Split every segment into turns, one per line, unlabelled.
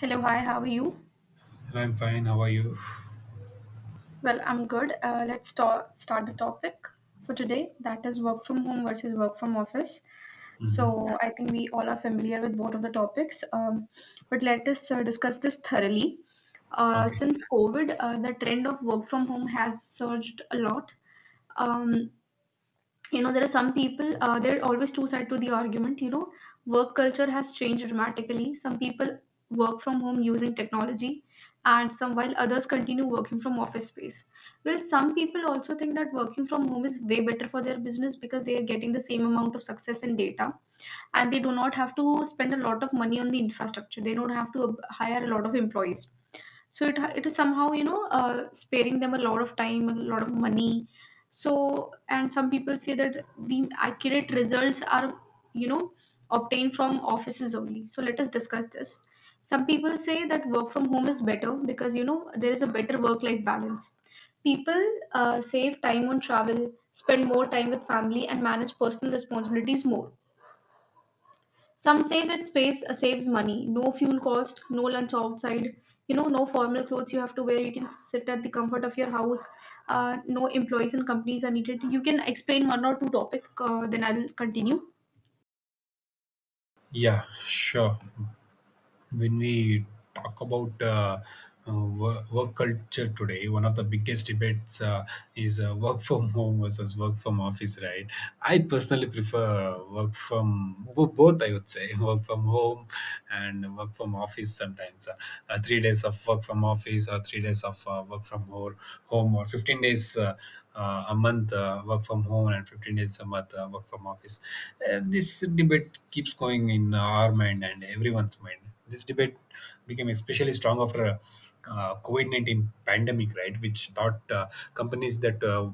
Hello, hi, how are you?
I'm fine. How are you?
Well, I'm good. Let's start the topic for today. That is work from home versus work from office.
Hmm.
So I think we all are familiar with both of the topics, but let us discuss this thoroughly.
Okay.
Since COVID, the trend of work from home has surged a lot. Um, there are some people there are always two sides to the argument. You know, work culture has changed dramatically. Some people work from home using technology, and some while others continue working from office space. Well, some people also think that working from home is way better for their business because they are getting the same amount of success and data, and they do not have to spend a lot of money on the infrastructure. They don't have to hire a lot of employees, so it is somehow, you know, sparing them a lot of time, a lot of money. So, and some people say that the accurate results are, you know, obtained from offices only. So let us discuss this. Some people say that work from home is better because, you know, there is a better work life balance. People save time on travel, spend more time with family, and manage personal responsibilities more. Some save it space, saves money. No fuel cost, no lunch outside, you know, no formal clothes you have to wear. You can sit at the comfort of your house. No employees and companies are needed. You can explain one or two topic, then I'll continue.
Yeah, sure. When we talk about work culture today, one of the biggest debates is work from home versus work from office, right? I personally prefer work from both, I would say, work from home and work from office sometimes. 3 days of work from office or 3 days of work from home or 15 days. A month work from home and 15 days a month work from office. This debate keeps going in our mind and everyone's mind. This debate became especially strong after COVID-19 pandemic, right? Which taught companies that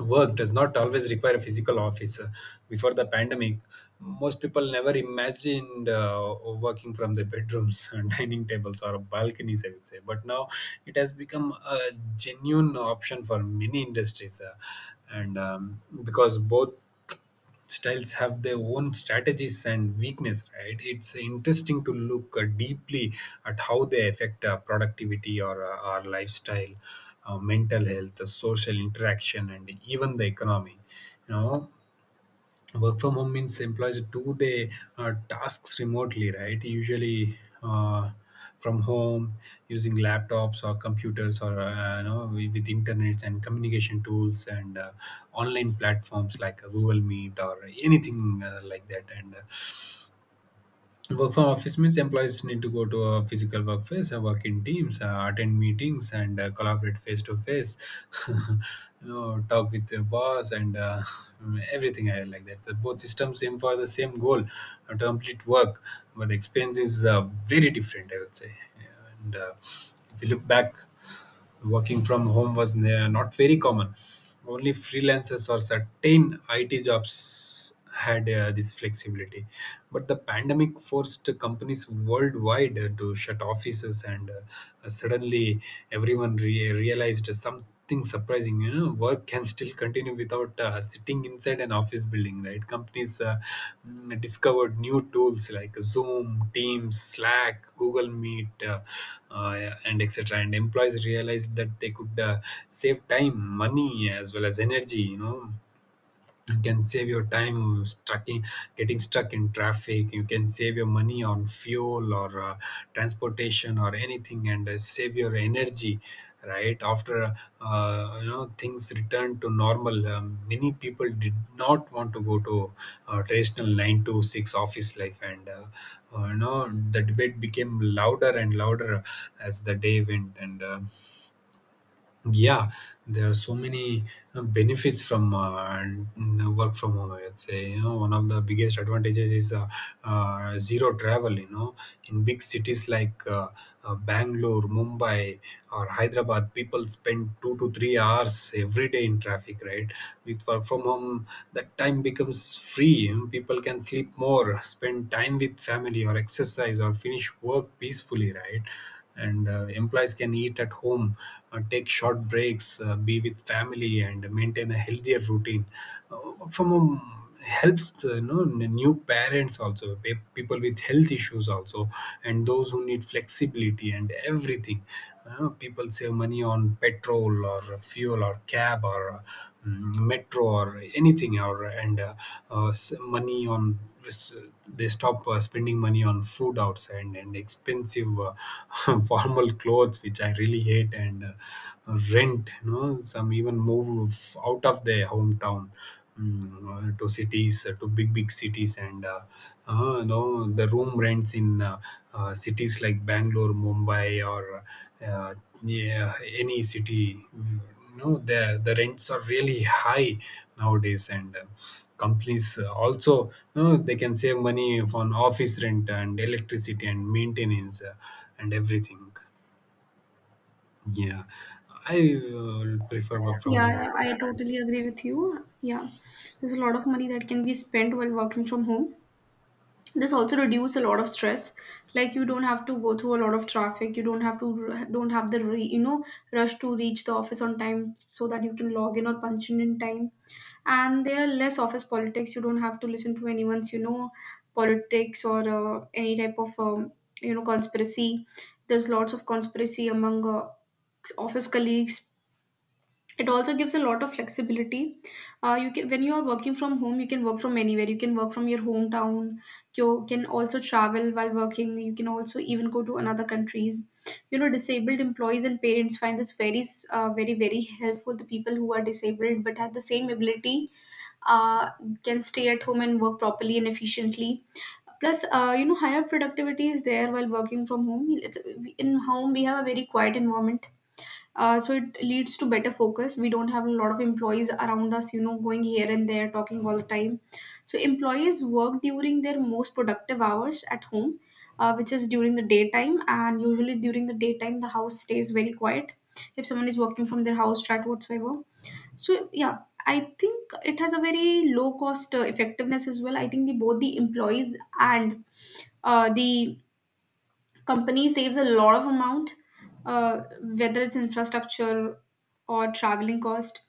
work does not always require a physical office. Before the pandemic, most people never imagined working from their bedrooms, and dining tables, or balconies, I would say. But now it has become a genuine option for many industries, and because both styles have their own strategies and weakness, right? It's interesting to look deeply at how they affect productivity, or our lifestyle, mental health, the social interaction, and even the economy you know Work from home means employees do their tasks remotely, right? Usually uh, from home, using laptops or computers, or with internets and communication tools, and online platforms like Google Meet or anything like that. And work from office means employees need to go to a physical workplace, work in teams, attend meetings, and collaborate face to face. You know, talk with the boss, and everything like that. The both systems aim for the same goal, to complete work, but the experience is very different, I would say. And if you look back, working from home was not very common. Only freelancers or certain IT jobs had this flexibility. But the pandemic forced companies worldwide to shut offices, and suddenly everyone realized something surprising. You know, work can still continue without sitting inside an office building, right? Companies discovered new tools like Zoom, Teams, Slack, Google Meet, and etc. And employees realized that they could save time, money, as well as energy. You know, you can save your time getting stuck in traffic. You can save your money on fuel or transportation or anything, and save your energy, right? After things return to normal, many people did not want to go to traditional 9 to 6 office life. And the debate became louder and louder as the day went. And yeah, there are so many benefits from work from home, I'd say. You know, one of the biggest advantages is zero travel. You know, in big cities like Bangalore, Mumbai, or Hyderabad, people spend 2 to 3 hours every day in traffic. Right, with work from home, that time becomes free. People can sleep more, spend time with family, or exercise, or finish work peacefully. Right. And employees can eat at home, take short breaks, be with family, and maintain a healthier routine from a helps the, you know, new parents also, people with health issues also, and those who need flexibility and everything. People save money on petrol or fuel or cab or metro or anything or, and uh, s- money on s- they stop spending money on food outside, and expensive formal clothes, which I really hate, and rent. You know, some even move out of their hometown, to cities, to big cities. And the room rents in cities like Bangalore, Mumbai, or uh, yeah, any city. No, the rents are really high nowadays. And companies also, you know, they can save money on office rent and electricity and maintenance and everything. Yeah, I uh, prefer work from home.
Yeah, I totally agree with you. Yeah, there's a lot of money that can be spent while working from home. This also reduce a lot of stress. Like, you don't have to go through a lot of traffic, you don't have to don't have the re, you know, rush to reach the office on time so that you can log in or punch in time. And there are less office politics. You don't have to listen to anyone's, you know, politics or any type of you know, conspiracy. There's lots of conspiracy among office colleagues. It also gives a lot of flexibility. Uh, you can, when you are working from home, you can work from anywhere, you can work from your hometown. You can also travel while working. You can also even go to another countries. You know, disabled employees and parents find this very very helpful. The people who are disabled but have the same ability uh, can stay at home and work properly and efficiently. Plus you know, higher productivity is there while working from home. In home we have a very quiet environment, so it leads to better focus. We don't have a lot of employees around us, you know, going here and there, talking all the time. So employees work during their most productive hours at home, which is during the daytime. And usually during the daytime, the house stays very quiet. If someone is working from their house, flat whatsoever. So yeah, I think it has a very low cost effectiveness as well. I think the both the employees and the company saves a lot of amount, whether it's infrastructure or traveling cost.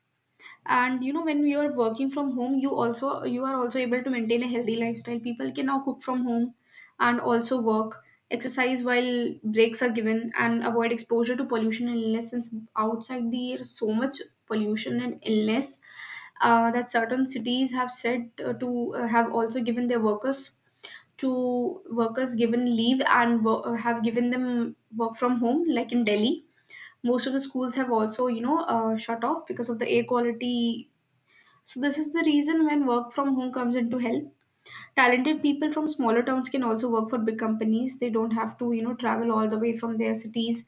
And you know, when you are working from home, you also you are also able to maintain a healthy lifestyle. People can now cook from home and also work, exercise while breaks are given, and avoid exposure to pollution and illness, since outside the air so much pollution and illness that certain cities have said to have also given their workers to workers given leave and have given them work from home, like in Delhi most of the schools have also, you know, shut off because of the air quality. So this is the reason when work from home comes into help. Talented people from smaller towns can also work for big companies. They don't have to, you know, travel all the way from their cities.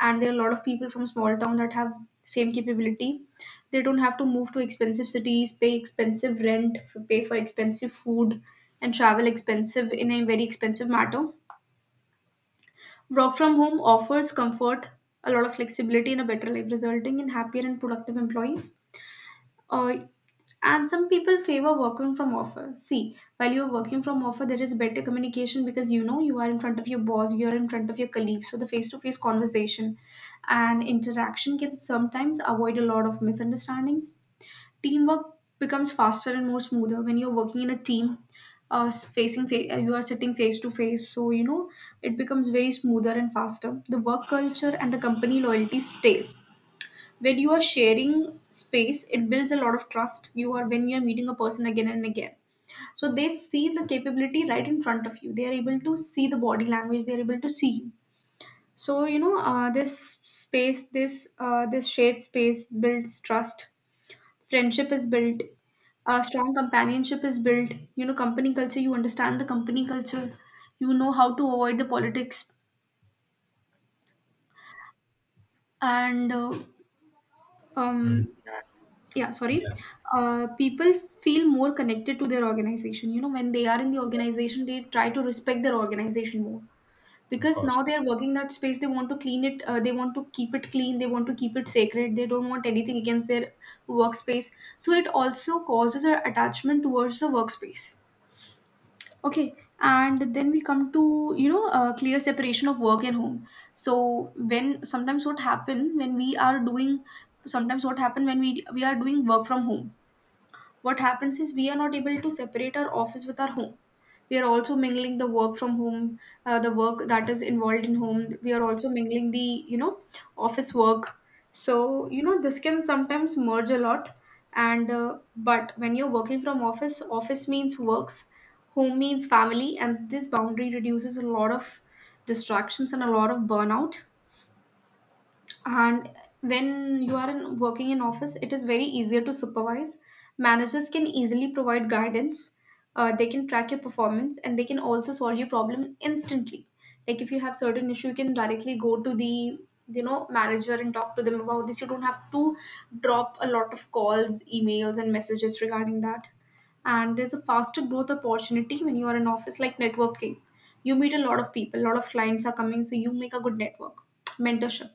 And there are a lot of people from small town that have same capability. They don't have to move to expensive cities, pay expensive rent, pay for expensive food, and travel expensive in a very expensive matter. Work from home offers comfort, a lot of flexibility, and a better life, resulting in happier and productive employees. Uh, and some people favor working from offer. See, while you're working from offer, there is better communication because, you know, you are in front of your boss, you're in front of your colleagues, so the face-to-face conversation and interaction can sometimes avoid a lot of misunderstandings. Teamwork becomes faster and more smoother when you're working in a team. You are sitting face to face, so you know, it becomes very smoother and faster. The work culture and the company loyalty stays. When you are sharing space, it builds a lot of trust. You are, when you're meeting a person again and again, so they see the capability right in front of you, they are able to see the body language, they are able to see you. So you know, this space, this shared space builds trust. Friendship is built, strong companionship is built. You know, company culture, you understand the company culture, you know how to avoid the politics. And
Mm.
um, yeah, sorry.
Yeah,
Uh, people feel more connected to their organization. You know, when they are in the
yeah.
organization, they try to respect their organization more,
Of
because
course.
now they are working that space. They want to clean it, they want to keep it clean, they want to keep it sacred. They don't want anything against their workspace. So it also causes an attachment towards the workspace. Okay, and then we come to, you know, clear separation of work and home. So when sometimes what happen when we are doing, sometimes what happen when we are doing work from home, what happens is we are not able to separate our office with our home. We are also mingling the work from home, the work that is involved in home. We are also mingling the, you know, office work. So you know, this can sometimes merge a lot. And but when you're working from office, office means works, home means family, and this boundary reduces a lot of distractions and a lot of burnout. And when you are in, working in office, it is very easier to supervise. Managers can easily provide guidance, they can track your performance, and they can also solve your problem instantly. Like, if you have certain issue, you can directly go to the, you know, manager and talk to them about this. You don't have to drop a lot of calls, emails, and messages regarding that. And there's a faster growth opportunity when you are in office, like networking. You meet a lot of people, a lot of clients are coming, so you make a good network. Mentorship: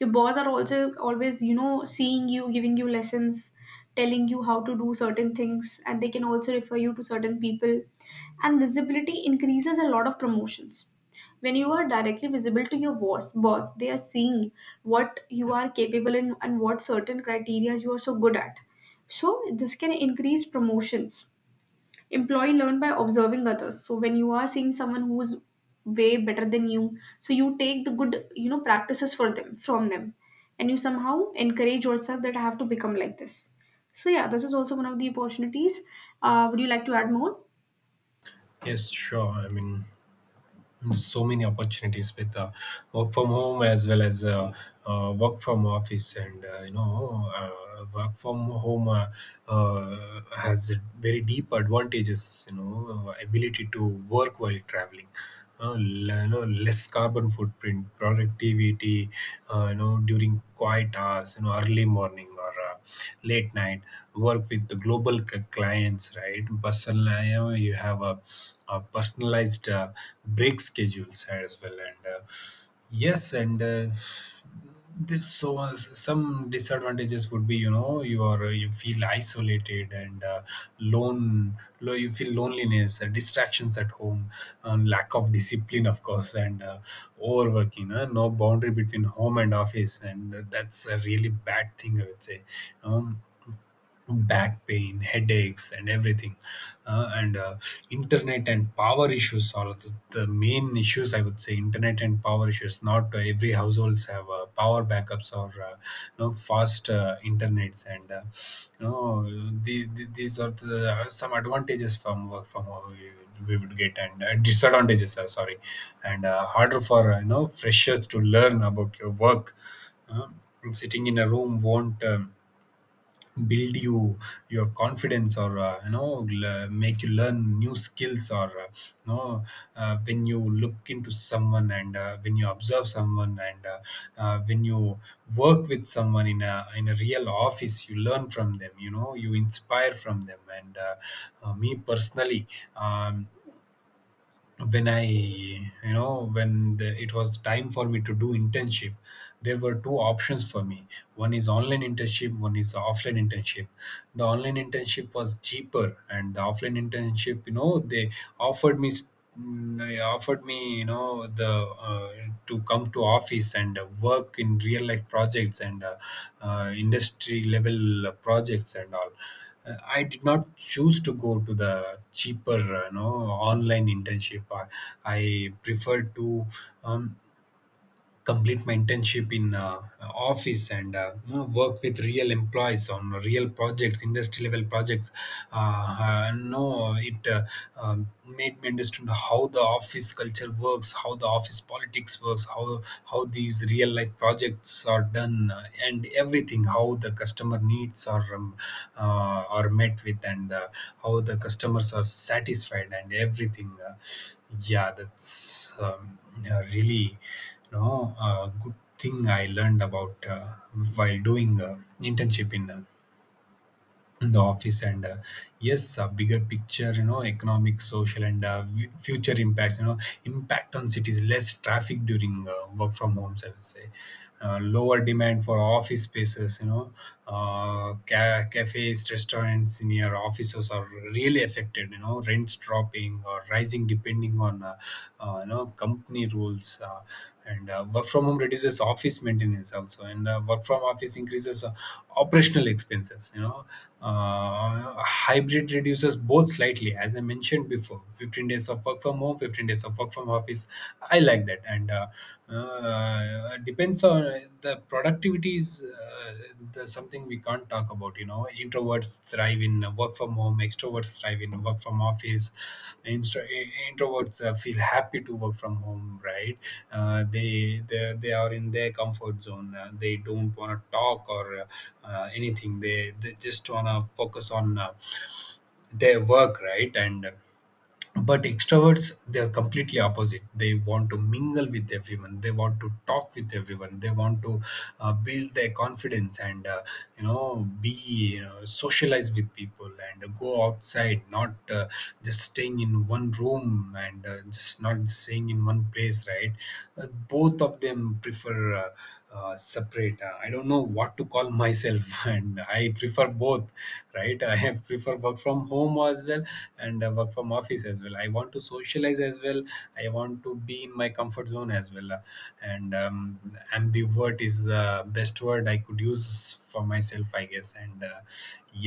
your boss are also always, you know, seeing you, giving you lessons, telling you how to do certain things, and they can also refer you to certain people. And visibility increases a lot of promotions. When you are directly visible to your boss, they are seeing what you are capable in and what certain criteria you are so good at, so this can increase promotions. Employee learn by observing others. So when you are seeing someone who's way better than you, so you take the good, you know, practices for them from them, and you somehow encourage yourself that I have to become like this. So yeah, this is also one of the opportunities. Uh, would you like to add more?
Yes, sure, I mean, so many opportunities with work from home, as well as work from office. And work from home has very deep advantages, you know: ability to work while traveling, you know, less carbon footprint, productivity, you know, during quiet hours, you know, early morning or late night. Work with the global clients, right? Personal, and you have a personalized break schedules as well. And yes. And there's some disadvantages would be, you know, you are, you feel isolated, and you feel loneliness, distractions at home, lack of discipline, of course, and overworking, no boundary between home and office, and that's a really bad thing, I would say. um, Back pain, headaches, and everything. And Internet and power issues are the main issues, I would say. Internet and power issues, not every households have power backups, or you know, fast internets. And these are some advantages from work from home we would get. And disadvantages, sorry. And harder for freshers to learn about your work. Uh, Sitting in a room won't build your confidence, or make you learn new skills, or when you look into someone, and when you observe someone, and when you work with someone in a real office, you learn from them, you know, you inspire from them. And me personally, um, when I, you know, when the, it was time for me to do internship, there were two options for me. One is online internship, one is offline internship. The online internship was cheaper, and the offline internship, you know, offered me. s- they offered me, you know, the to come to office and work in real life projects, and industry level projects and all. I did not choose to go to the cheaper, online internship. I preferred to um, complete my internship in office, and work with real employees on real projects, industry level projects. No, it made me understand how the office culture works, how the office politics works, how these real life projects are done, and everything, how the customer needs are met with, and how the customers are satisfied and everything. Yeah, that's really, no, good thing I learned about while doing internship in the office. And yes, a bigger picture, you know, economic, social, and future impacts. You know, impact on cities, less traffic during work from homes, I would say. Lower demand for office spaces. You know, cafes, restaurants near offices are really affected. You know, rents dropping or rising depending on. Company rules, and work from home reduces office maintenance also. And work from office increases operational expenses, you know. Hybrid reduces both slightly, as I mentioned before. 15 days of work from home, 15 days of work from office. I like that. And depends on the productivity is that's something we can't talk about. You know, introverts thrive in work from home, extroverts thrive in work from office. Instro- Introverts feel happy to work from home, right? They are in their comfort zone, they don't want to talk or anything. They just want to focus on their work, right? And but extroverts, they're completely opposite. They want to mingle with everyone, they want to talk with everyone, they want to build their confidence, and you know, socialize with people and go outside, not just staying in one room, and just not staying in one place, right? Both of them prefer separate. I don't know what to call myself. And I prefer both, right? I prefer work from home as well, and work from office as well. I want to socialize as well, I want to be in my comfort zone as well. And Ambivert is the best word I could use for myself, I guess. And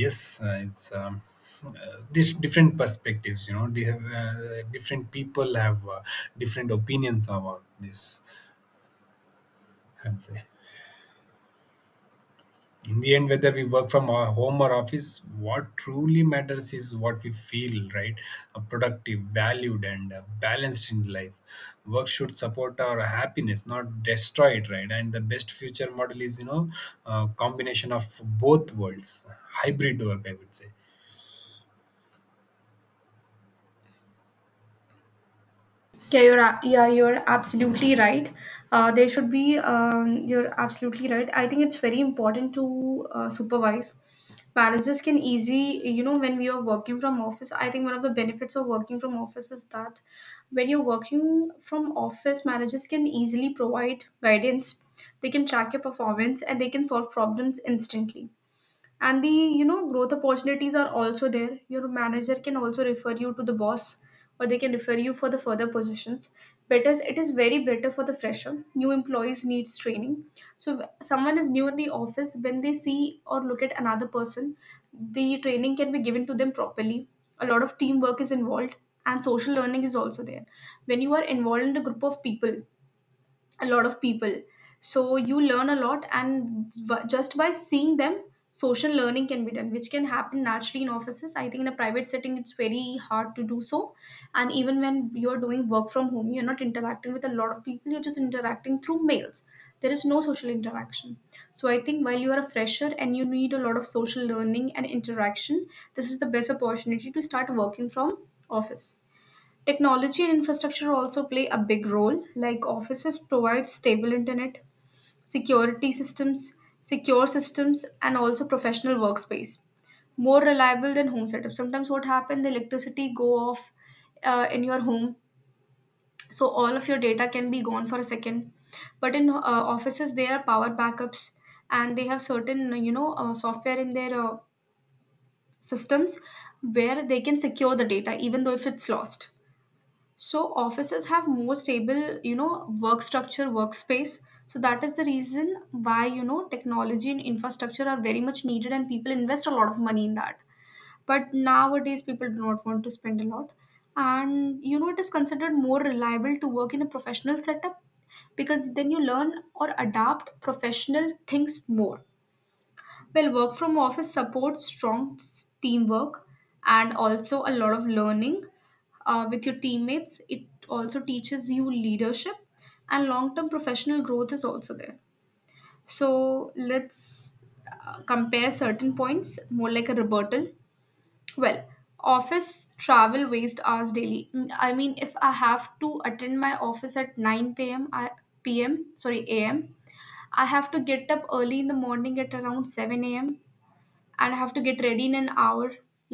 yes, it's this different perspectives, you know. They have Different people have different opinions about this, I'd say. In the end, whether we work from our home or office, what truly matters is what we feel, right? Productive, valued, and balanced in life. Work should support our happiness, not destroy it, right? And the best future model is, you know, a combination of both worlds: hybrid work, I would say.
Yeah, yeah, you're absolutely right. There should be You're absolutely right. I think it's very important to supervise. Managers can easy, you know, when we are working from office. I think one of the benefits of working from office is that when you're working from office, managers can easily provide guidance. They can track your performance and they can solve problems instantly, and the, you know, growth opportunities are also there. Your manager can also refer you to the boss, or they can refer you for the further positions. Better, it is very better for the fresher. New employees needs training, so someone is new in the office, when they see or look at another person, the training can be given to them properly. A lot of teamwork is involved, and social learning is also there. When you are involved in a group of people, a lot of people, so you learn a lot, and just by seeing them, social learning can be done, which can happen naturally in offices. I think in a private setting it's very hard to do so. And even when you're doing work from home, you're not interacting with a lot of people, you're just interacting through mails. There is no social interaction. So I think while you are a fresher and you need a lot of social learning and interaction, this is the best opportunity to start working from office. Technology and infrastructure also play a big role. Like offices provide stable internet, security systems, secure systems, and also professional workspace. More reliable than home setup. Sometimes what happens, the electricity go off in your home, so all of your data can be gone for a second. But in offices, there are power backups, and they have certain, you know, software in their systems where they can secure the data even though if it's lost. So offices have more stable, you know, work structure, workspace. So that is the reason why, you know, technology and infrastructure are very much needed and people invest a lot of money in that. But nowadays people do not want to spend a lot. And you know, it is considered more reliable to work in a professional setup, because then you learn or adapt professional things more. Well, work from office supports strong teamwork and also a lot of learning with your teammates. It also teaches you leadership, and long term professional growth is also there. So let's compare certain points more like a rebuttal. Well, office travel waste hours daily. Mm, I mean, if I have to attend my office at 9 p.m. p.m. sorry a.m. I have to get up early in the morning at around 7 a.m and I have to get ready in an hour,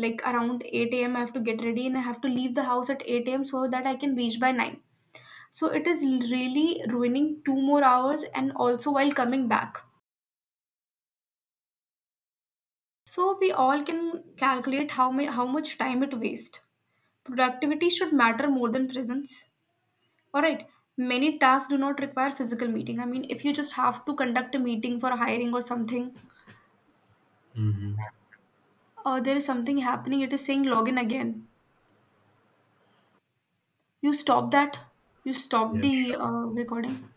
like around 8 a.m. I have to get ready and I have to leave the house at 8 a.m. so that I can reach by 9. So it is really ruining two more hours and also while coming back. So we all can calculate how how much time it wastes. Productivity should matter more than presence. Alright. Many tasks do not require physical meeting. I mean, if you just have to conduct a meeting for hiring or something, or there is something happening, it is saying login again. You stop that? You stop
Yeah,
the
sure.
recording?